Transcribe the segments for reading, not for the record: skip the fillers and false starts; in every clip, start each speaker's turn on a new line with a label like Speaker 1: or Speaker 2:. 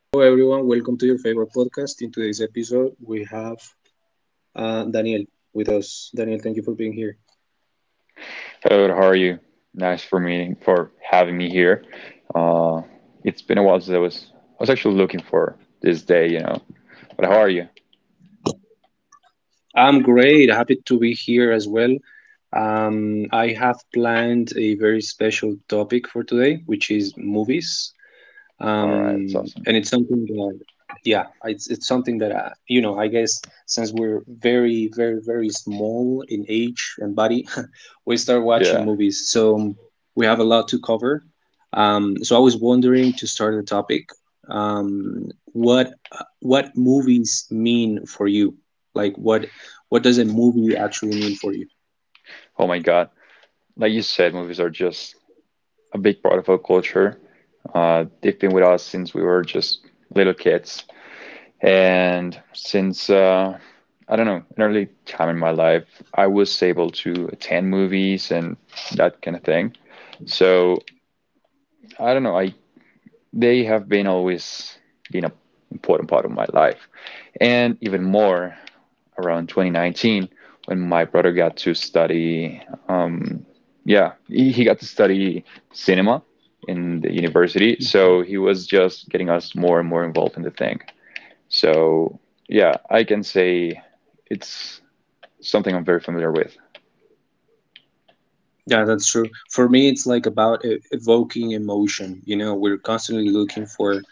Speaker 1: Hello, everyone. Welcome to your favorite podcast. In today's episode, we have Daniel with us. Daniel, thank you for being here.
Speaker 2: Hello, how are you? Nice for meeting for having me here. Uh, it's been a while since I was actually looking for this day, you know. But how are you?
Speaker 1: I'm great. Happy to be here as well. I have planned a very special topic for today, which is movies.
Speaker 2: All right, it's awesome.
Speaker 1: And it's something that, yeah, it's something that I, you know I guess since we're very, very, very small in age and body we start watching
Speaker 2: Yeah.
Speaker 1: movies. So we have a lot to cover. So I was wondering, to start the topic, what movies mean for you. Like what does a movie actually mean for you?
Speaker 2: Oh my God. Like you said, movies are just a big part of our culture. They've been with us since we were just little kids, and since I don't know, an early time in my life, I was able to attend movies and that kind of thing. So I don't know. I They have been always been an important part of my life. And even more around 2019 when my brother got to study, um, yeah, he got to study cinema in the university.
Speaker 1: Mhm.
Speaker 2: So he was just getting us more and more involved in the thing. So yeah, I can say it's something I'm very familiar with.
Speaker 1: Yeah, that's true. For me, it's like about evoking emotion. You know, we're constantly looking for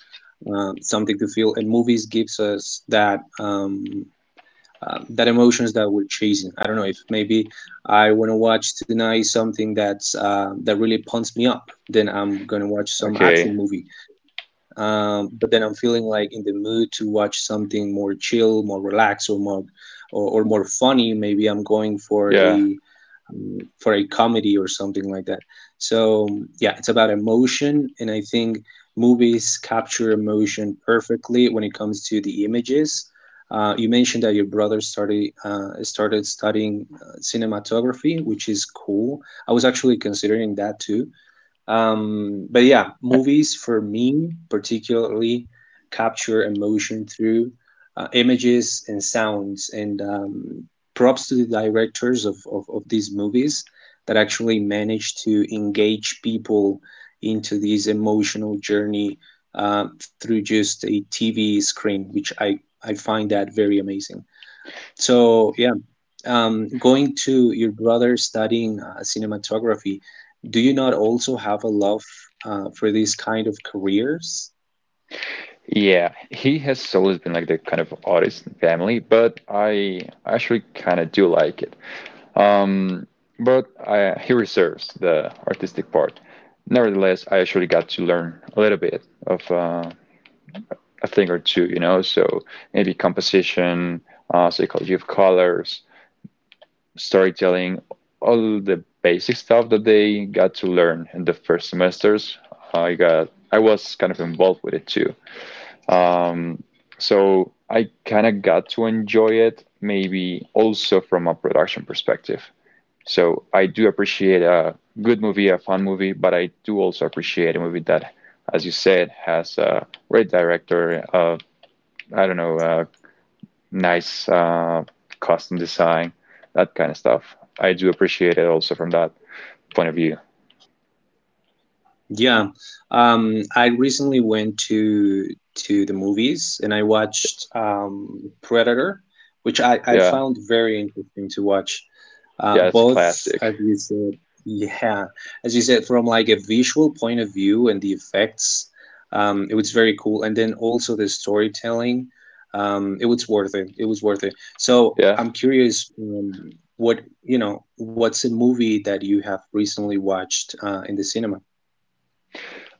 Speaker 1: something to feel. And movies gives us that emotions that we're chasing. I don't know, if maybe I want to watch tonight something that really pumps me up, then I'm gonna watch some
Speaker 2: Okay.
Speaker 1: action movie. But then I'm feeling like in the mood to watch something more chill, more relaxed, or more or more funny. Maybe I'm going
Speaker 2: Yeah.
Speaker 1: for a comedy or something like that. So yeah, it's about emotion, and I think movies capture emotion perfectly when it comes to the images. You mentioned that your brother started studying cinematography, which is cool. I was actually considering that too, but yeah, movies for me particularly capture emotion through images and sounds. And props to the directors of these movies that actually manage to engage people into this emotional journey through just a TV screen, which I find that very amazing. So yeah, going to your brother studying cinematography, do you not also have a love for these kind of careers?
Speaker 2: Yeah, he has always been like the kind of oddest in the family, but I actually kind of do like it. Um, he reserves the artistic part. Nevertheless, I actually got to learn a little bit of a thing or two, you know, so maybe composition, psychology of colors, storytelling, all the basic stuff that they got to learn in the first semesters. I was kind of involved with it too. Um, so I kind of got to enjoy it, maybe also from a production perspective. So I do appreciate a good movie, a fun movie, but I do also appreciate a movie that, as you said, has a great director, I don't know, nice costume design, that kind of stuff. I do appreciate it also from that point of view.
Speaker 1: Yeah, I recently went to the movies and I watched Predator, which I
Speaker 2: Yeah,
Speaker 1: found very interesting to watch.
Speaker 2: yeah, it's a
Speaker 1: Both,
Speaker 2: classic.
Speaker 1: as you said, yeah, as you said, from like a visual point of view and the effects, it was very cool. And then also the storytelling, it was worth it. It was worth it. So
Speaker 2: Yeah.
Speaker 1: I'm curious, what's a movie that you have recently watched in the cinema?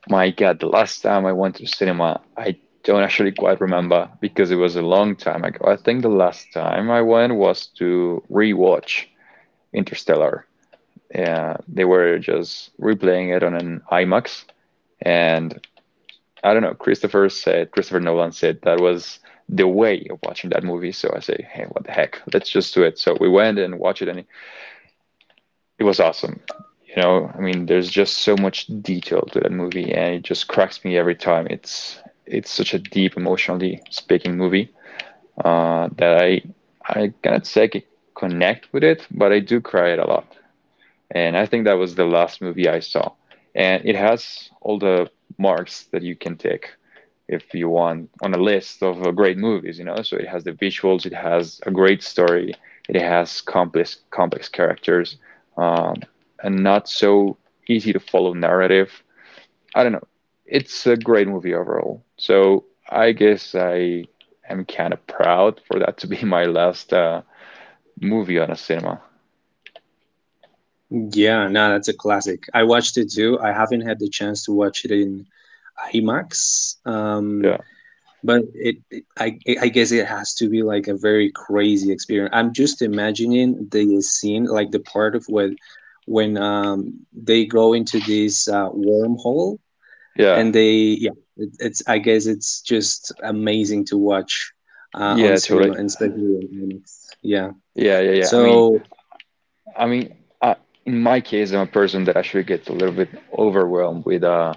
Speaker 2: My God, the last time I went to cinema, I don't actually quite remember because it was a long time ago. I think the last time I went was to rewatch Interstellar. Yeah, they were just replaying it on an IMAX, and I don't know. Christopher Nolan said that was the way of watching that movie. So I say, hey, what the heck? Let's just do it. So we went and watched it, and it was awesome. There's just so much detail to that movie, and it just cracks me every time. It's such a deep, emotionally speaking movie that I cannot say I connect with it, but I do cry it a lot. And I think that was the last movie I saw, and it has all the marks that you can take if you want on a list of great movies, you know, so it has the visuals, it has a great story, it has complex characters, um, and not so easy to follow narrative. I don't know, it's a great movie overall. So I guess I am kind of proud for that to be my last movie on a cinema.
Speaker 1: Yeah, no, that's a classic. I watched it too. I haven't had the chance to watch it in IMAX,
Speaker 2: Yeah,
Speaker 1: but it I guess it has to be like a very crazy experience. I'm just imagining the scene, like the part of what when they go into this wormhole,
Speaker 2: yeah,
Speaker 1: and they, yeah, it's I guess it's just amazing to watch on
Speaker 2: yeah, totally.
Speaker 1: cinema and especially on IMAX. Yeah.
Speaker 2: Yeah, yeah, yeah,
Speaker 1: So
Speaker 2: i mean I, in my case I'm a person that actually gets a little bit overwhelmed with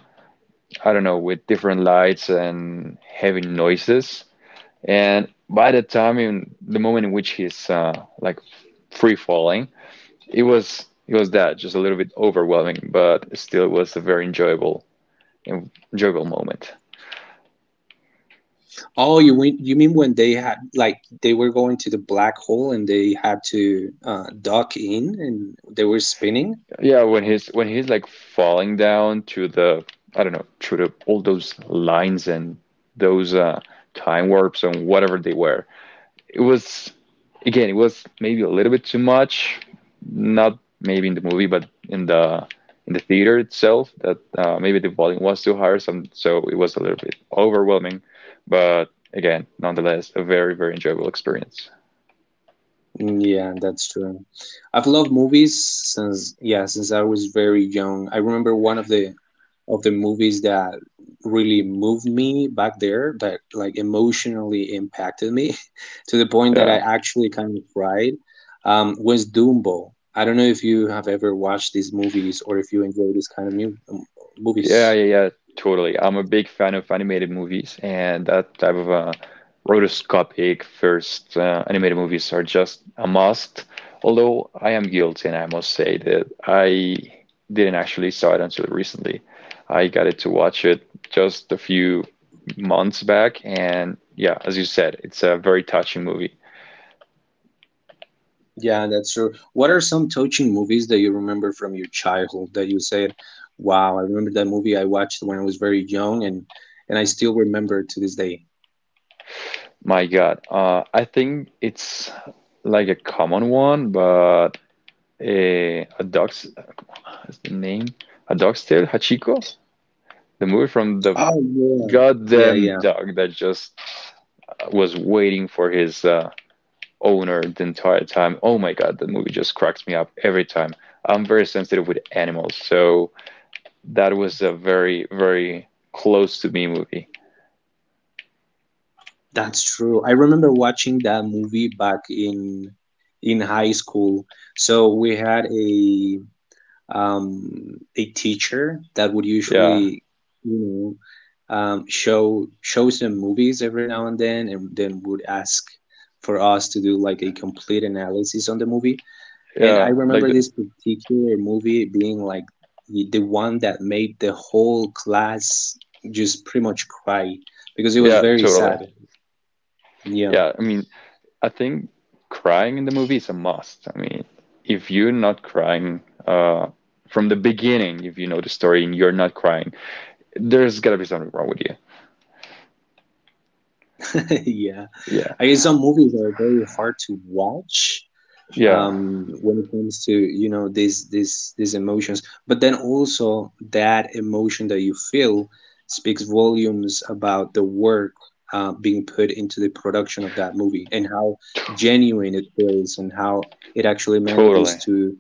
Speaker 2: I don't know, with different lights and heavy noises. And by the time, in the moment in which he's like free falling, it was that just a little bit overwhelming, but still it was a very enjoyable enjoyable moment.
Speaker 1: Oh, you mean when they had, like, they were going to the black hole and they had to duck in and they were spinning?
Speaker 2: Yeah, when he's like falling down to the I don't know through the all those lines and those time warps and whatever they were, it was again it was maybe a little bit too much, not maybe in the movie but in the theater itself, that maybe the volume was too high some, so it was a little bit overwhelming, but again nonetheless a very enjoyable experience.
Speaker 1: Mm, yeah, that's true. I've loved movies since I was very young. I remember one of the movies that really moved me back there, that like emotionally impacted me to the point that I
Speaker 2: Yeah.
Speaker 1: actually kind of cried, was Dumbo. I don't know if you have ever watched these movies or if you enjoy this kind of mu
Speaker 2: Yeah,
Speaker 1: movies.
Speaker 2: yeah, yeah, totally. I'm a big fan of animated movies, and that type of rotoscopic first animated movies are just a must. Although I am guilty, and I must say that I didn't actually saw it until recently. I got it to watch it just a few months back, and yeah, as you said, it's a very touching movie.
Speaker 1: Yeah, that's true. What are some touching movies that you remember from your childhood that you said, "Wow, I remember that movie I watched when I was very young, and I still remember to this day."
Speaker 2: My God, I think it's like a common one, but a dog's. That's the name. A Dog's Tale, Hachiko, the movie from the
Speaker 1: Oh yeah. Yeah,
Speaker 2: goddamn
Speaker 1: yeah.
Speaker 2: dog that just was waiting for his owner the entire time. Oh my God, that movie just cracks me up every time. I'm very sensitive with animals, so that was a very close to me movie.
Speaker 1: That's true. I remember watching that movie back in high school. So we had a teacher that would
Speaker 2: Yeah,
Speaker 1: usually, you show shows them movies every now and then would ask for us to do like a complete analysis on the movie. And I
Speaker 2: yeah,
Speaker 1: remember this particular movie being like the one that made the whole class just pretty much cry because it was
Speaker 2: yeah,
Speaker 1: very
Speaker 2: totally.
Speaker 1: sad. Yeah,
Speaker 2: Yeah, I mean, I think crying in the movie is a must. I mean, if you're not crying uh, from the beginning, if you know the story and you're not crying, there's gotta be something wrong with you.
Speaker 1: yeah.
Speaker 2: Yeah,
Speaker 1: I guess some movies are very hard to watch
Speaker 2: yeah,
Speaker 1: when it comes to, these emotions. But then also that emotion that you feel speaks volumes about the work being put into the production of that movie, and how
Speaker 2: t-
Speaker 1: genuine it feels, and how it actually
Speaker 2: totally.
Speaker 1: manages to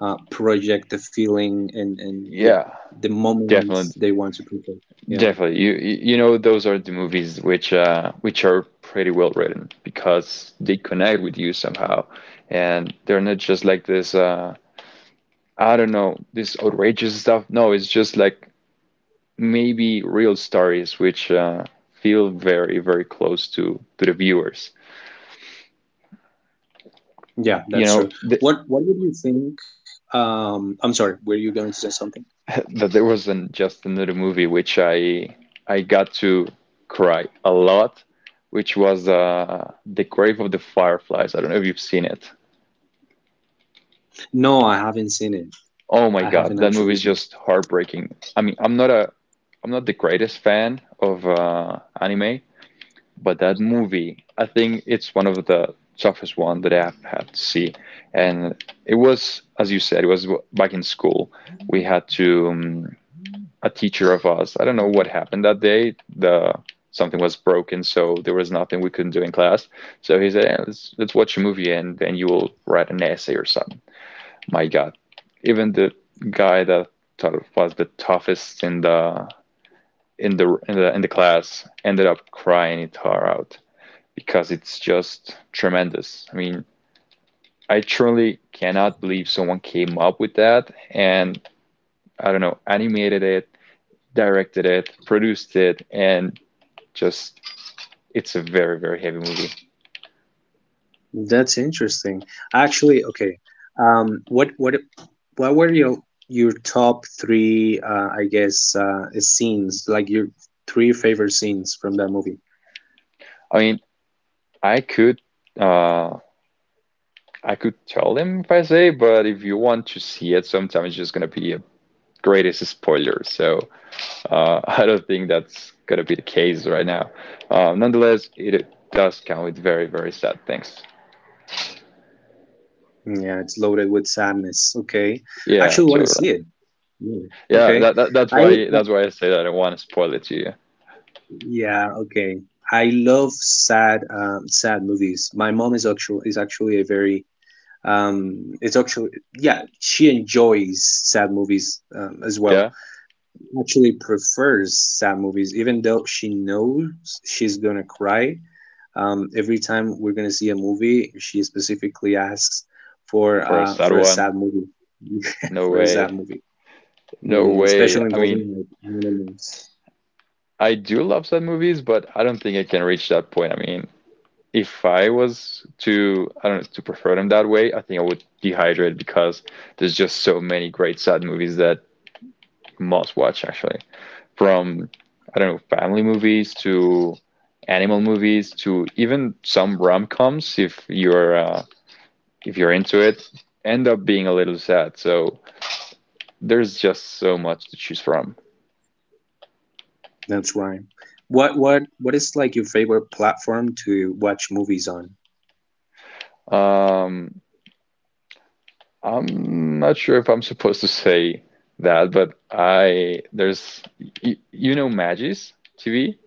Speaker 1: project the feeling and yeah
Speaker 2: Yeah,
Speaker 1: the moments
Speaker 2: definitely,
Speaker 1: they want to portray. Yeah,
Speaker 2: definitely. You know those are the movies which are pretty well written because they connect with you somehow, and they're not just like this. I don't know, this outrageous stuff. No, it's just like maybe real stories which feel very close to the viewers.
Speaker 1: yeah,
Speaker 2: You
Speaker 1: that's
Speaker 2: know,
Speaker 1: true.
Speaker 2: th
Speaker 1: What would you think? I'm sorry, were you going to say something?
Speaker 2: that there was an, just another movie which I got to cry a lot, which was The Grave of the Fireflies. I don't know if you've seen it.
Speaker 1: No, I haven't seen it.
Speaker 2: Oh my
Speaker 1: I
Speaker 2: God,
Speaker 1: haven't
Speaker 2: that movie
Speaker 1: actually
Speaker 2: is
Speaker 1: seen.
Speaker 2: just heartbreaking. I mean, I'm not the greatest fan of anime, but that movie, I think it's one of the toughest one that I've had to see. And it was, as you said, it was back in school. We had to, a teacher of us, I don't know what happened that day. The something was broken, so there was nothing we couldn't do in class. So he said, "Yeah, let's watch a movie and then you will write an essay or something." My God, even the guy that thought was the toughest in the in the class ended up crying it her out, because it's just tremendous. I mean, I truly cannot believe someone came up with that and I don't know, animated it, directed it, produced it, and just it's a very heavy movie.
Speaker 1: That's interesting. Actually, okay. Um, what what what were your top three? I guess scenes, like your three favorite scenes from that movie.
Speaker 2: I mean, I could uh I could tell them if I say, but if you want to see it sometimes it's just gonna be a greatest spoiler. So I don't think that's gonna be the case right now. Nonetheless, it does come with very sad things.
Speaker 1: Yeah, it's loaded with sadness. Okay, I
Speaker 2: Yeah,
Speaker 1: actually want to see
Speaker 2: totally.
Speaker 1: it. Mm,
Speaker 2: Yeah,
Speaker 1: okay.
Speaker 2: that's
Speaker 1: I,
Speaker 2: why I say that I don't want to spoil it to you.
Speaker 1: yeah, okay. I love sad movies. My mom is actually a very, it's actually, yeah, she enjoys sad movies, as well,
Speaker 2: Yeah,
Speaker 1: actually prefers sad movies, even though she knows she's gonna cry. Every time we're gonna see a movie, she specifically asks for
Speaker 2: for a
Speaker 1: uh,
Speaker 2: sad
Speaker 1: for a
Speaker 2: one.
Speaker 1: sad movie,
Speaker 2: No
Speaker 1: for a sad
Speaker 2: way,
Speaker 1: movie.
Speaker 2: no
Speaker 1: Yeah,
Speaker 2: way.
Speaker 1: especially
Speaker 2: I mean,
Speaker 1: involving like animals.
Speaker 2: I do love sad movies, but I don't think I can reach that point. I mean, if I was to I don't know to prefer them that way, I think I would dehydrate because there's just so many great sad movies that you must watch, actually from I don't know family movies to animal movies to even some rom-coms. If you're if you're into it, end up being a little sad. So there's just so much to choose from.
Speaker 1: That's right. What is, like, your favorite platform to watch movies on?
Speaker 2: Um, I'm not sure if I'm supposed to say that, but I there's you, you know Magis TV.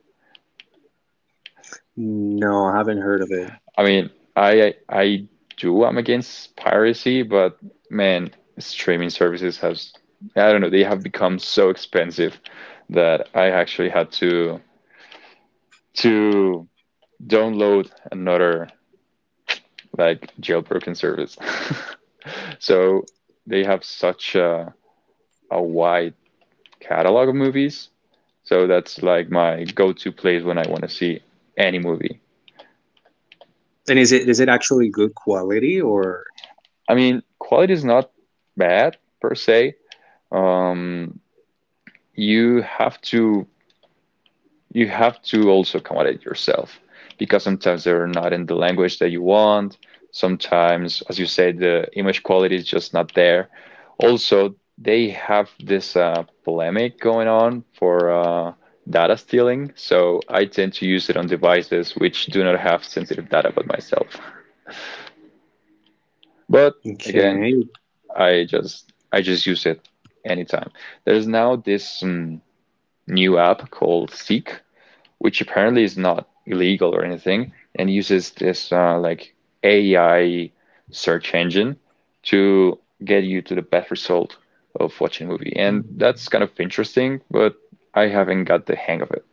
Speaker 1: No, I haven't heard of it.
Speaker 2: I mean, I do. I'm against piracy, but man, streaming services has I don't know. They have become so expensive that I actually had to download another like jailbroken service. So they have such a wide catalog of movies. So that's like my go to place when I want to see any movie.
Speaker 1: And is it actually good quality, or
Speaker 2: I mean, quality is not bad per se. Um, you have to you have to also accommodate yourself, because sometimes they're not in the language that you want. Sometimes, as you say, the image quality is just not there. Also, they have this polemic going on for data stealing, so I tend to use it on devices which do not have sensitive data about myself. But again,
Speaker 1: okay?
Speaker 2: I just use it anytime. There's now this new app called Seek, which apparently is not illegal or anything, and uses this like AI search engine to get you to the best result of watching a movie. And that's kind of interesting, but I haven't got the hang of it.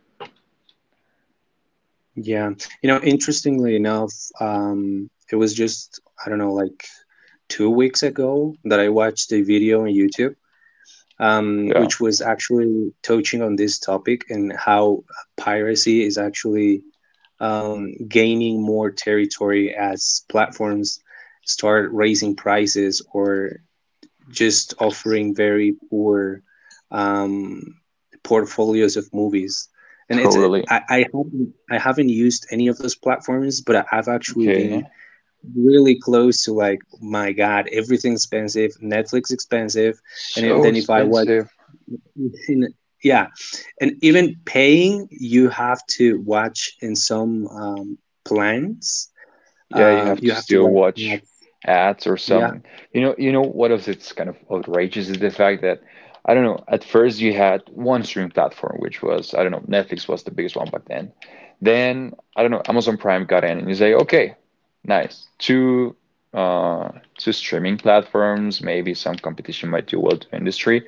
Speaker 1: Yeah. You know, interestingly enough, it was just, I don't know, like 2 weeks ago that I watched a video on YouTube,
Speaker 2: Yeah,
Speaker 1: which was actually touching on this topic, and how piracy is actually gaining more territory as platforms start raising prices, or just offering very poor um, portfolios of movies. And it's
Speaker 2: totally.
Speaker 1: I haven't used any of those platforms, but I've actually
Speaker 2: Okay.
Speaker 1: been really close to, like, my God, everything's expensive, Netflix expensive, and
Speaker 2: So
Speaker 1: then if I watch,
Speaker 2: expensive.
Speaker 1: in, yeah, and even paying, you have to watch in some plans.
Speaker 2: Yeah, you have to
Speaker 1: You have to
Speaker 2: still
Speaker 1: watch,
Speaker 2: watch ads or
Speaker 1: yeah.
Speaker 2: something. You know what else it's kind of outrageous is the fact that I don't know, at first you had one streaming platform, which was, I don't know, Netflix was the biggest one back then. Then, I don't know, Amazon Prime got in and you say, okay, nice. Two uh two streaming platforms, maybe some competition might do well to industry.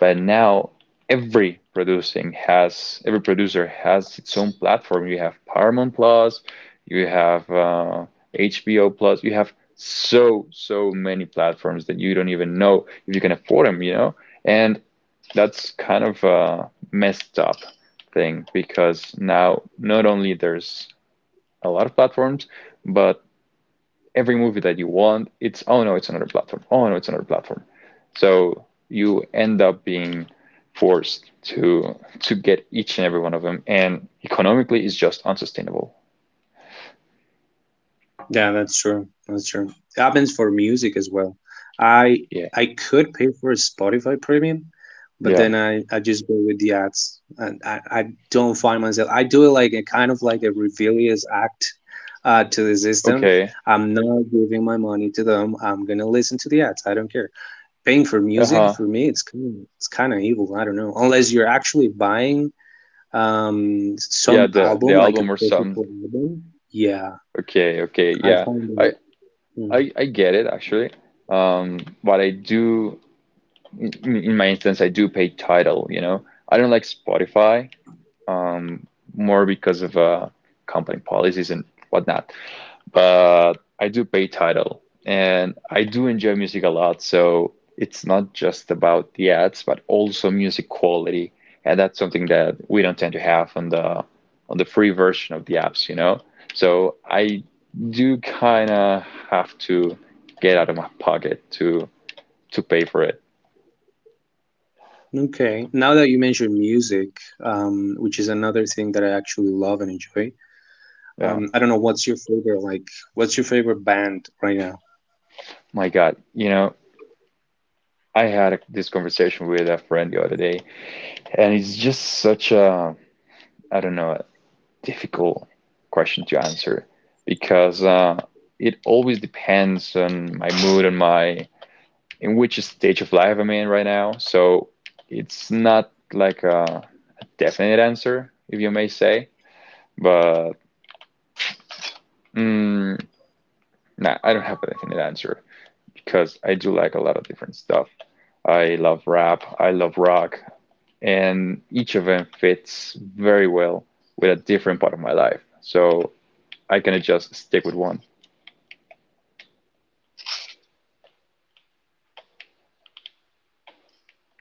Speaker 2: But now every producer has its own platform. You have Paramount Plus, you have HBO Plus. You have so many platforms that you don't even know if you can afford them, you know? And that's kind of a messed up thing because now not only there's a lot of platforms, but every movie that you want, it's, oh no, it's another platform. Oh no, it's another platform. So you end up being forced to get each and every one of them, and economically it's just unsustainable.
Speaker 1: Yeah, that's true. That's true. It happens for music as well. I
Speaker 2: Yeah.
Speaker 1: I could pay for a Spotify Premium, but
Speaker 2: Yeah.
Speaker 1: then I just go with the ads, and I don't find myself. I do it like a kind of like a rebellious act to the system.
Speaker 2: Okay.
Speaker 1: I'm not giving my money to them. I'm gonna listen to the ads. I don't care. Paying for music
Speaker 2: Uh-huh.
Speaker 1: for me, it's kind of evil. I don't know, unless you're actually buying
Speaker 2: Yeah,
Speaker 1: some
Speaker 2: the
Speaker 1: album, like a
Speaker 2: album or something.
Speaker 1: physical album. Yeah,
Speaker 2: Okay, okay,
Speaker 1: I
Speaker 2: yeah.
Speaker 1: find
Speaker 2: I
Speaker 1: it.
Speaker 2: I get it actually. But I do in, in my instance, I do pay Tidal, you know. I don't like Spotify, um, more because of company policies and whatnot. But I do pay title and I do enjoy music a lot. So it's not just about the ads, but also music quality. And that's something that we don't tend to have on the free version of the apps, you know? So I do kind of have to get out of my pocket to pay for it.
Speaker 1: Okay. Now that you mentioned music, which is another thing that I actually love and enjoy,
Speaker 2: Yeah.
Speaker 1: I don't know, what's your favorite, like. What's your favorite band right now?
Speaker 2: My God, I had this conversation with a friend the other day, and it's just such a, I don't know, difficult question to answer because it always depends on my mood and my in which stage of life I'm in right now. So it's not like a definite answer, if you may say. But mm, nah, I don't have a definite answer because I do like a lot of different stuff. I love rap, I love rock, and each of them fits very well with a different part of my life. So I can just stick with one.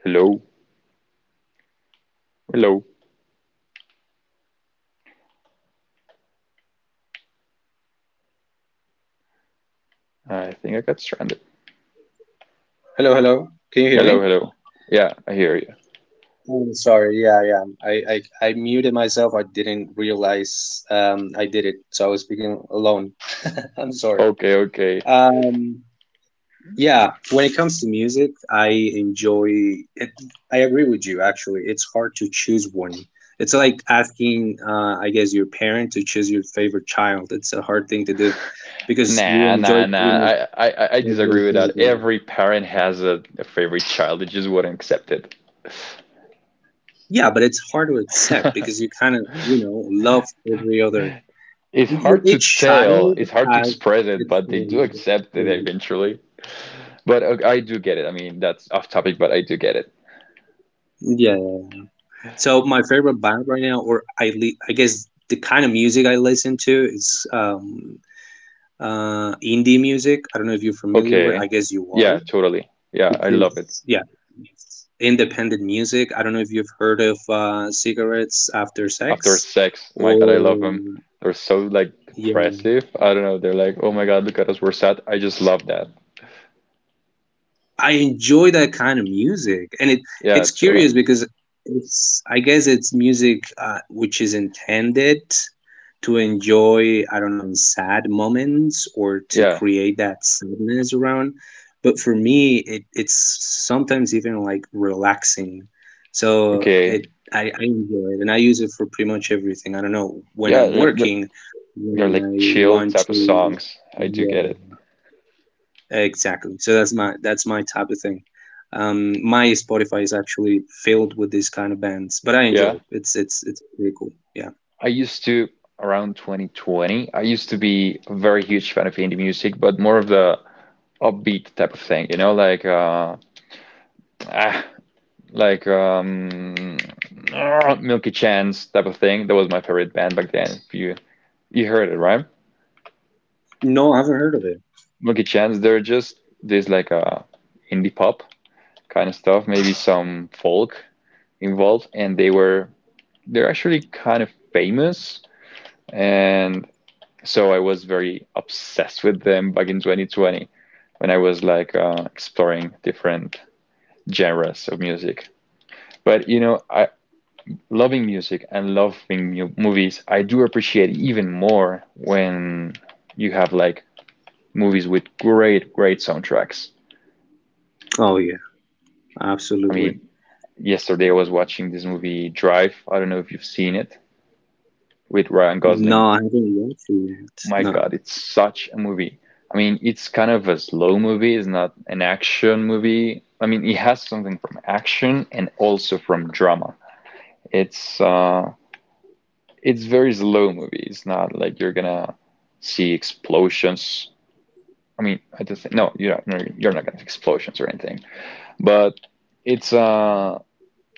Speaker 2: Hello. Hello. I think I got stranded.
Speaker 1: Hello, hello. Can you hear me?
Speaker 2: Hello, hello. Yeah, I hear you.
Speaker 1: Oh, sorry. Yeah, yeah. I muted myself. I didn't realize I did it, so I was speaking alone. I'm sorry.
Speaker 2: Okay, okay.
Speaker 1: Um, yeah, when it comes to music, I enjoy it. I agree with you, actually. It's hard to choose one. It's like asking, I guess, your parent to choose your favorite child. It's a hard thing to do, because you
Speaker 2: Nah,
Speaker 1: enjoy
Speaker 2: nah,
Speaker 1: pretty
Speaker 2: nah.
Speaker 1: much
Speaker 2: I
Speaker 1: every
Speaker 2: disagree with
Speaker 1: single
Speaker 2: that.
Speaker 1: bit of it,
Speaker 2: Every parent has a favorite child. They just wouldn't accept it.
Speaker 1: yeah, but it's hard to accept because you kind of, love every other,
Speaker 2: It's hard to
Speaker 1: each
Speaker 2: tell.
Speaker 1: child
Speaker 2: It's hard to
Speaker 1: has
Speaker 2: express it,
Speaker 1: its
Speaker 2: but they do
Speaker 1: own
Speaker 2: accept it
Speaker 1: you
Speaker 2: eventually. But I do get it. I mean, that's off topic, but I do get it.
Speaker 1: yeah, yeah. So my favorite band right now, or I guess the kind of music I listen to is indie music. I don't know if you're familiar with. I
Speaker 2: Okay.
Speaker 1: guess you
Speaker 2: Yeah,
Speaker 1: are.
Speaker 2: totally. Yeah,
Speaker 1: Which
Speaker 2: I love it.
Speaker 1: is, yeah, it's independent music. I don't know if you've heard of Cigarettes After
Speaker 2: After
Speaker 1: Sex,
Speaker 2: sex. My
Speaker 1: or
Speaker 2: God, I love them. They're so like
Speaker 1: yeah,
Speaker 2: depressive. I don't know. They're like, oh my God, look at us, we're sad. I just love that.
Speaker 1: I enjoy that kind of music. And it
Speaker 2: Yeah,
Speaker 1: it's curious
Speaker 2: chilling.
Speaker 1: because it's I guess it's music, which is intended to enjoy, I don't know, in sad moments, or to
Speaker 2: Yeah,
Speaker 1: create that sadness around. But for me, it's sometimes even, like, relaxing. So
Speaker 2: okay.
Speaker 1: I enjoy it, and I use it for pretty much everything. I don't know, when
Speaker 2: Yeah,
Speaker 1: I'm
Speaker 2: they're, they're,
Speaker 1: working,
Speaker 2: they're like
Speaker 1: when I
Speaker 2: chill
Speaker 1: want
Speaker 2: type of
Speaker 1: to,
Speaker 2: songs. I do get it.
Speaker 1: yeah. Exactly. So that's my type of thing. My Spotify is actually filled with these kind of bands, but I enjoy
Speaker 2: Yeah,
Speaker 1: it. It's pretty cool. Yeah.
Speaker 2: I used to around 2020. I used to be a very huge fan of indie music, but more of the upbeat type of thing. You know, like ah, like Milky Chance type of thing. That was my favorite band back then. You heard it, right?
Speaker 1: No, I haven't heard of it.
Speaker 2: Lucky Chance, they're just this like a indie pop kind of stuff, maybe some folk involved, and they're actually kind of famous, and so I was very obsessed with them back in 2020 when I was like exploring different genres of music. But you know, I loving music and loving mu movies, I do appreciate even more when you have like movies with great, great soundtracks.
Speaker 1: Oh yeah,
Speaker 2: I
Speaker 1: absolutely.
Speaker 2: mean, yesterday I was watching this movie Drive. I don't know if you've seen it with Ryan Gosling.
Speaker 1: No, I haven't watched it yet.
Speaker 2: My
Speaker 1: No.
Speaker 2: God, it's such a movie. I mean, it's kind of a slow movie. It's not an action movie. I mean, it has something from action and also from drama. It's uh, it's very slow movie. It's not like you're gonna see explosions. I mean, I just no, you're not, no, you're not gonna see explosions or anything. But it's uh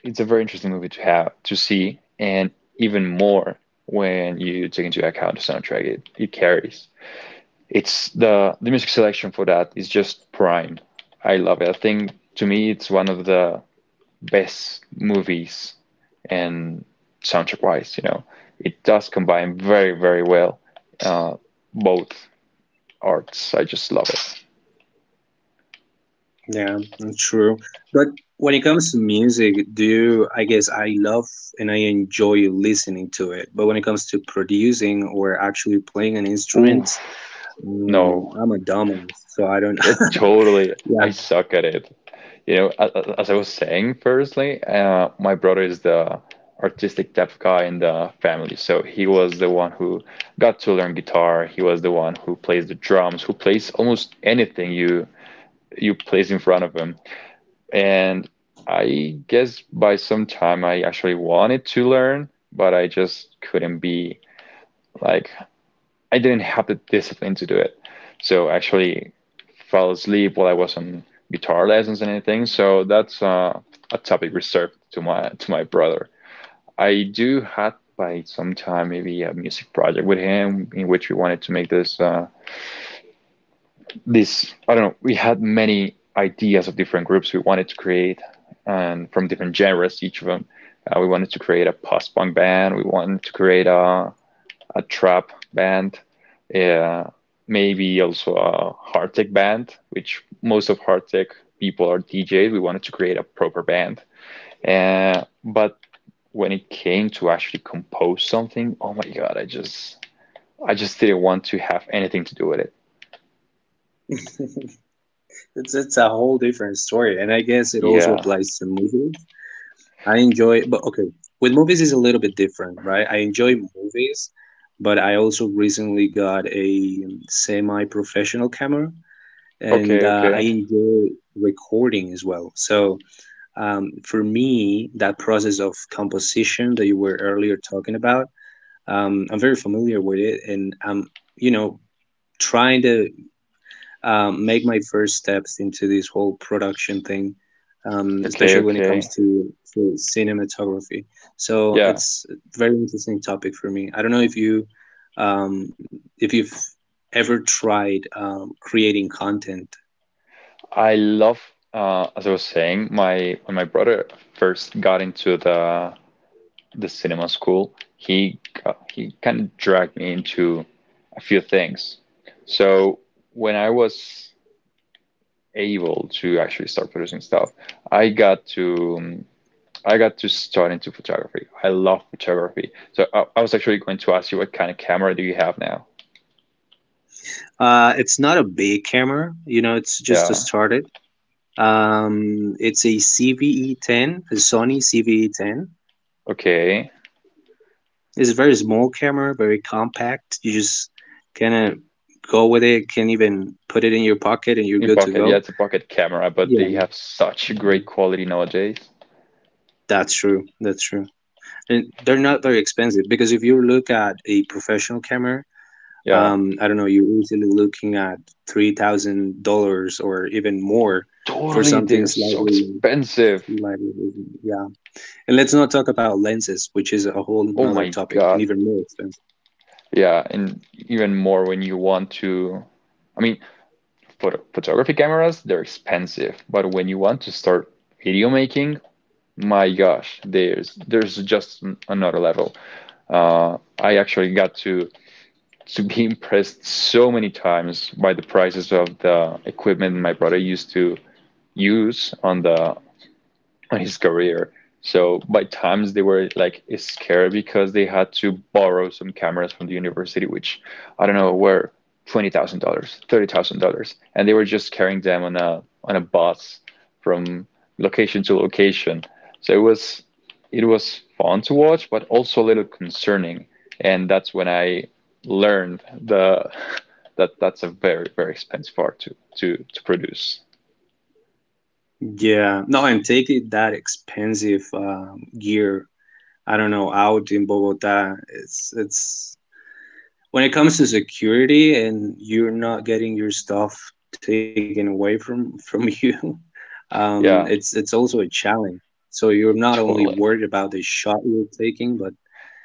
Speaker 2: it's a very interesting movie to have to see, and even more when you take into account the soundtrack it carries. It's the music selection for that is just prime. I love it. I think to me it's one of the best movies and soundtrack wise. It does combine very, very well, uh, both arts. I just love it.
Speaker 1: Yeah, that's true. But when it comes to music, I guess, I love and I enjoy listening to it. But when it comes to producing or actually playing an
Speaker 2: Oof.
Speaker 1: instrument,
Speaker 2: No,
Speaker 1: I'm a dumbass, so I don't.
Speaker 2: it totally I
Speaker 1: Yeah,
Speaker 2: suck at it. You know, as I was saying firstly, my brother is the artistic type of guy in the family. So he was the one who got to learn guitar. He was the one who plays the drums, who plays almost anything you place in front of him. And I guess by some time I actually wanted to learn, but I just couldn't be like I didn't have the discipline to do it. So actually fell asleep while I was on guitar lessons and anything. So that's a topic reserved to my brother. I do had by some time maybe a music project with him in which we wanted to make this I don't know. We had many ideas of different groups we wanted to create, and from different genres, each of them. We wanted to create a post-punk band. We wanted to create a trap band, uh, maybe also a hard tech band, which most of hard tech people are DJs. We wanted to create a proper band. But when it came to actually compose something, oh my God, I just didn't want to have anything to do with it.
Speaker 1: It's a whole different story, and I guess it also
Speaker 2: Yeah.
Speaker 1: applies to movies. I enjoy, but okay, with movies is a little bit different, right? I enjoy movies, but I also recently got a semi-professional camera, and
Speaker 2: Okay,
Speaker 1: I
Speaker 2: okay.
Speaker 1: enjoy recording as well. So for me, that process of composition that you were earlier talking about. I'm very familiar with it, and I'm, you know trying to, make my first steps into this whole production thing,
Speaker 2: Okay,
Speaker 1: especially when it comes
Speaker 2: okay.
Speaker 1: to cinematography. So
Speaker 2: Yeah,
Speaker 1: it's a very interesting topic for me. I don't know if you um, if you've ever tried creating content.
Speaker 2: I love as I was saying, my when my brother first got into the cinema school, he kind of dragged me into a few things. So when I was able to actually start producing stuff, I got to um, I got to start into photography. I love photography. So I was actually going to ask you what kind of camera do you have now?
Speaker 1: It's not a big camera, you know. It's just a
Speaker 2: Yeah.
Speaker 1: started. It's a CVE10, a Sony CVE10.
Speaker 2: Okay.
Speaker 1: It's a very small camera, very compact. You just kind of go with it. Can even put it in your pocket, and you're
Speaker 2: In
Speaker 1: good to
Speaker 2: pocket. Yeah,
Speaker 1: go.
Speaker 2: it's a pocket camera, but
Speaker 1: Yeah,
Speaker 2: they have such great quality nowadays.
Speaker 1: that's true. That's true. And they're not very expensive, because if you look at a professional camera,
Speaker 2: Yeah.
Speaker 1: I don't know, you're easily looking at $3,000 or even more for
Speaker 2: Totally.
Speaker 1: something
Speaker 2: They're so
Speaker 1: slightly,
Speaker 2: expensive.
Speaker 1: slightly, yeah. And let's not talk about lenses, which is a whole
Speaker 2: Oh
Speaker 1: another
Speaker 2: my
Speaker 1: topic and
Speaker 2: God.
Speaker 1: even more expensive.
Speaker 2: Yeah, and even more when you want to, I mean, photography cameras, they're expensive, but when you want to start video making, my gosh, there's just another level. I actually got to be impressed so many times by the prices of the equipment my brother used to use on the on his career. So by times they were like scared because they had to borrow some cameras from the university, which I don't know were $20,000, $30,000, and they were just carrying them on a bus from location to location. So it was fun to watch, but also a little concerning, and that's when I learned the that that's a very very expensive art to produce.
Speaker 1: Yeah, no, and taking that expensive gear, I don't know, out in Bogota, it's when it comes to security and you're not getting your stuff taken away from you, it's
Speaker 2: Yeah,
Speaker 1: also a challenge. So you're not only
Speaker 2: totally.
Speaker 1: worried about the shot you're taking, but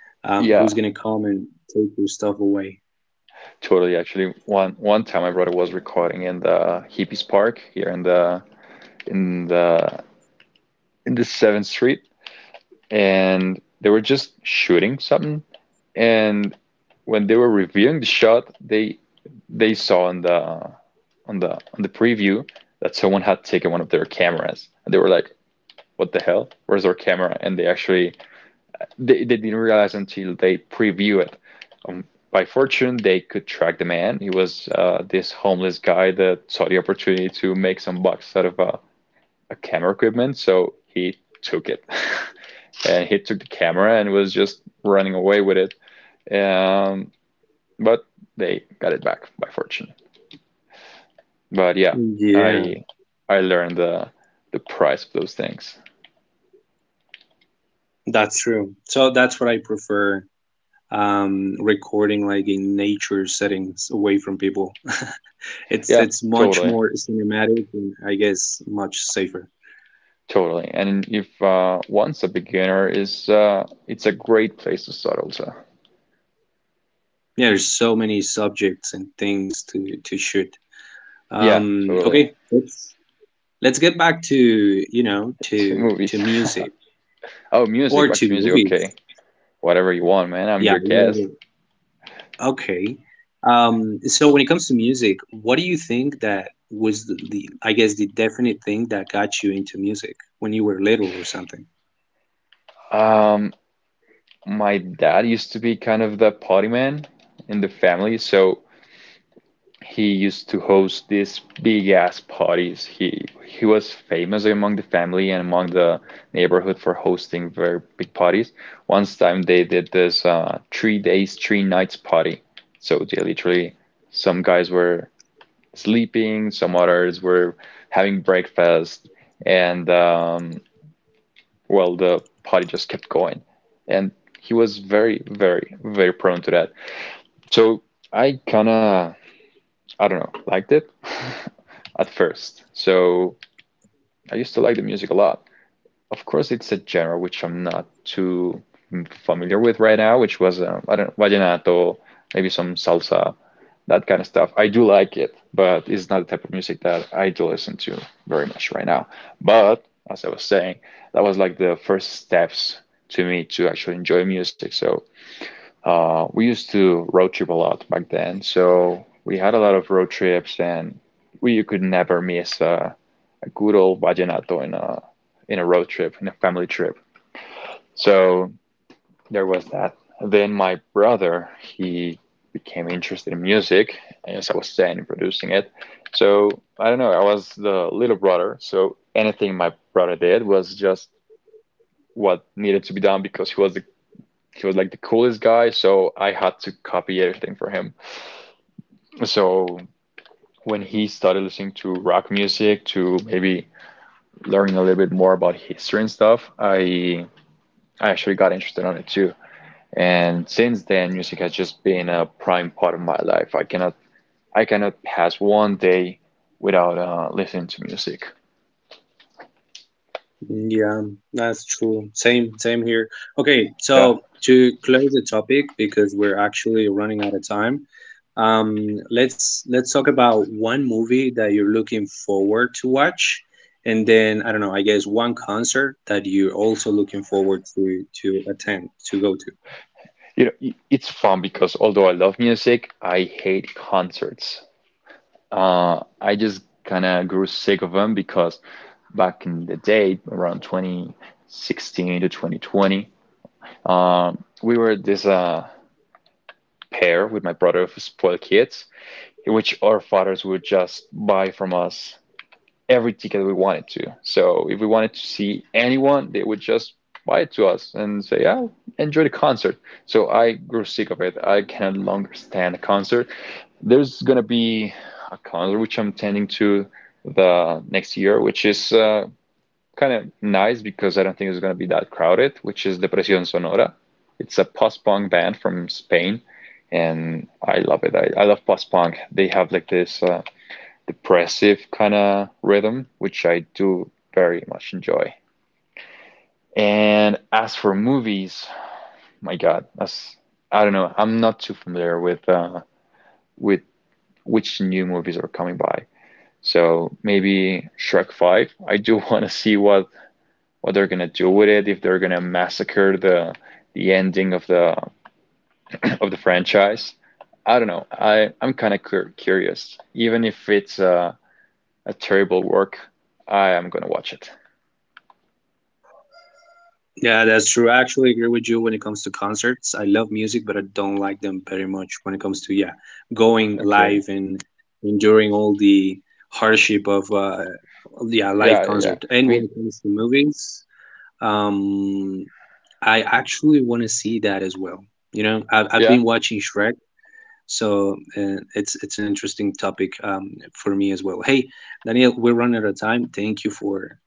Speaker 1: who's
Speaker 2: Yeah,
Speaker 1: gonna come and take your stuff away?
Speaker 2: totally. Actually, one time my brother was recording in the Hippies Park here in the in the Seventh Street, and they were just shooting something. And when they were reviewing the shot, they saw on the preview that someone had taken one of their cameras, and they were like, "What the hell? Where's our camera?" And they didn't realize until they preview it. Um, by fortune, they could track the man. He was this homeless guy that saw the opportunity to make some bucks out of a camera equipment, so he took it. And he took the camera and was just running away with it. Um, but they got it back by fortune. But yeah,
Speaker 1: Yeah,
Speaker 2: I I learned the price of those things.
Speaker 1: that's true. So that's what I prefer. Recording, like, in nature settings away from people. it's
Speaker 2: Yeah,
Speaker 1: it's much
Speaker 2: totally.
Speaker 1: more cinematic and I guess much safer.
Speaker 2: Totally. And if once a beginner is, it's a great place to start also.
Speaker 1: Yeah, there's so many subjects and things to shoot.
Speaker 2: Yeah, totally.
Speaker 1: Okay, let's get back to you know
Speaker 2: To
Speaker 1: to
Speaker 2: movies.
Speaker 1: to music,
Speaker 2: Oh, music,
Speaker 1: or
Speaker 2: back to
Speaker 1: to
Speaker 2: music. Okay.
Speaker 1: movies.
Speaker 2: Whatever you want, man. I'm
Speaker 1: Yeah,
Speaker 2: your guest.
Speaker 1: whatever. Okay. So when it comes to music, what do you think that was the, I guess, the definite thing that got you into music when you were little or something?
Speaker 2: Um, my dad used to be kind of the party man in the family, so he used to host these big ass parties. He was famous among the family and among the neighborhood for hosting very big parties. Once time they did this 3 days, 3 nights party. So they literally some guys were sleeping, some others were having breakfast, and well, the party just kept going. And he was very, very, very prone to that. So I kind of I don't know, liked it at first. So I used to like the music a lot. Of course, it's a genre which I'm not too familiar with right now, which was, I don't know, vallenato, maybe some salsa, that kind of stuff. I do like it, but it's not the type of music that I do listen to very much right now. But as I was saying, that was like the first steps to me to actually enjoy music. So we used to road trip a lot back then, so we had a lot of road trips, and we you could never miss a good old vallenato in a road trip, in a family trip. So there was that. Then my brother, he became interested in music, as I was saying, in producing it. So I don't know, I was the little brother, so anything my brother did was just what needed to be done because he was like the coolest guy, so I had to copy everything for him. So when he started listening to rock music, to maybe learning a little bit more about history and stuff, I actually got interested on it too. And since then, music has just been a prime part of my life. I cannot pass one day without listening to music.
Speaker 1: Yeah, that's true. Same, same here. Okay,
Speaker 2: Yeah,
Speaker 1: so to close the topic, because we're actually running out of time, let's talk about one movie that you're looking forward to watch, and then, I don't know, I guess one concert that you're also looking forward to attend to go to.
Speaker 2: you know, it's fun because although I love music, I hate concerts. I just kind of grew sick of them because back in the day, around 2016 to 2020. Um, we were this pair with my brother of spoiled kids, in which our fathers would just buy from us every ticket we wanted to. So if we wanted to see anyone, they would just buy it to us and say, "Yeah, enjoy the concert." So I grew sick of it. I can no longer stand a concert. There's gonna be a concert which I'm tending to the next year, which is kind of nice because I don't think it's going to be that crowded, which is Depresión Sonora. It's a post-punk band from Spain, and I love it. I love post-punk. They have like this depressive kind of rhythm, which I do very much enjoy. And as for movies, my God, as I don't know, I'm not too familiar with with which new movies are coming by. So maybe Shrek 5. I do want to see what they're gonna do with it, if they're gonna massacre the ending of the of the franchise. I don't know. I'm kind of curious. Even if it's a terrible work, I am gonna watch it.
Speaker 1: Yeah, that's true. I actually agree with you when it comes to concerts. I love music, but I don't like them very much when it comes to, yeah, going live
Speaker 2: Okay.
Speaker 1: and enduring all the hardship of, yeah, live
Speaker 2: Yeah, yeah, yeah.
Speaker 1: concert. And
Speaker 2: I mean,
Speaker 1: when it comes to movies, um I actually want to see that as well. You know, I've
Speaker 2: yeah,
Speaker 1: been watching Shrek, so it's an interesting topic, for me as well. Hey, Daniel, we're running out of time. Thank you for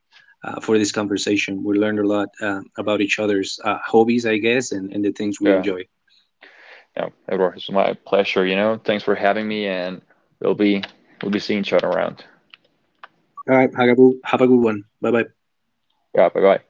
Speaker 1: uh, for this conversation. We learned a lot about each other's hobbies, I guess, and, the things we
Speaker 2: yeah.
Speaker 1: enjoy.
Speaker 2: No, Edward, it's my pleasure. Thanks for having me, and we'll be we'll be seeing each other around.
Speaker 1: All right, have a good one. Bye bye.
Speaker 2: Yeah, bye bye.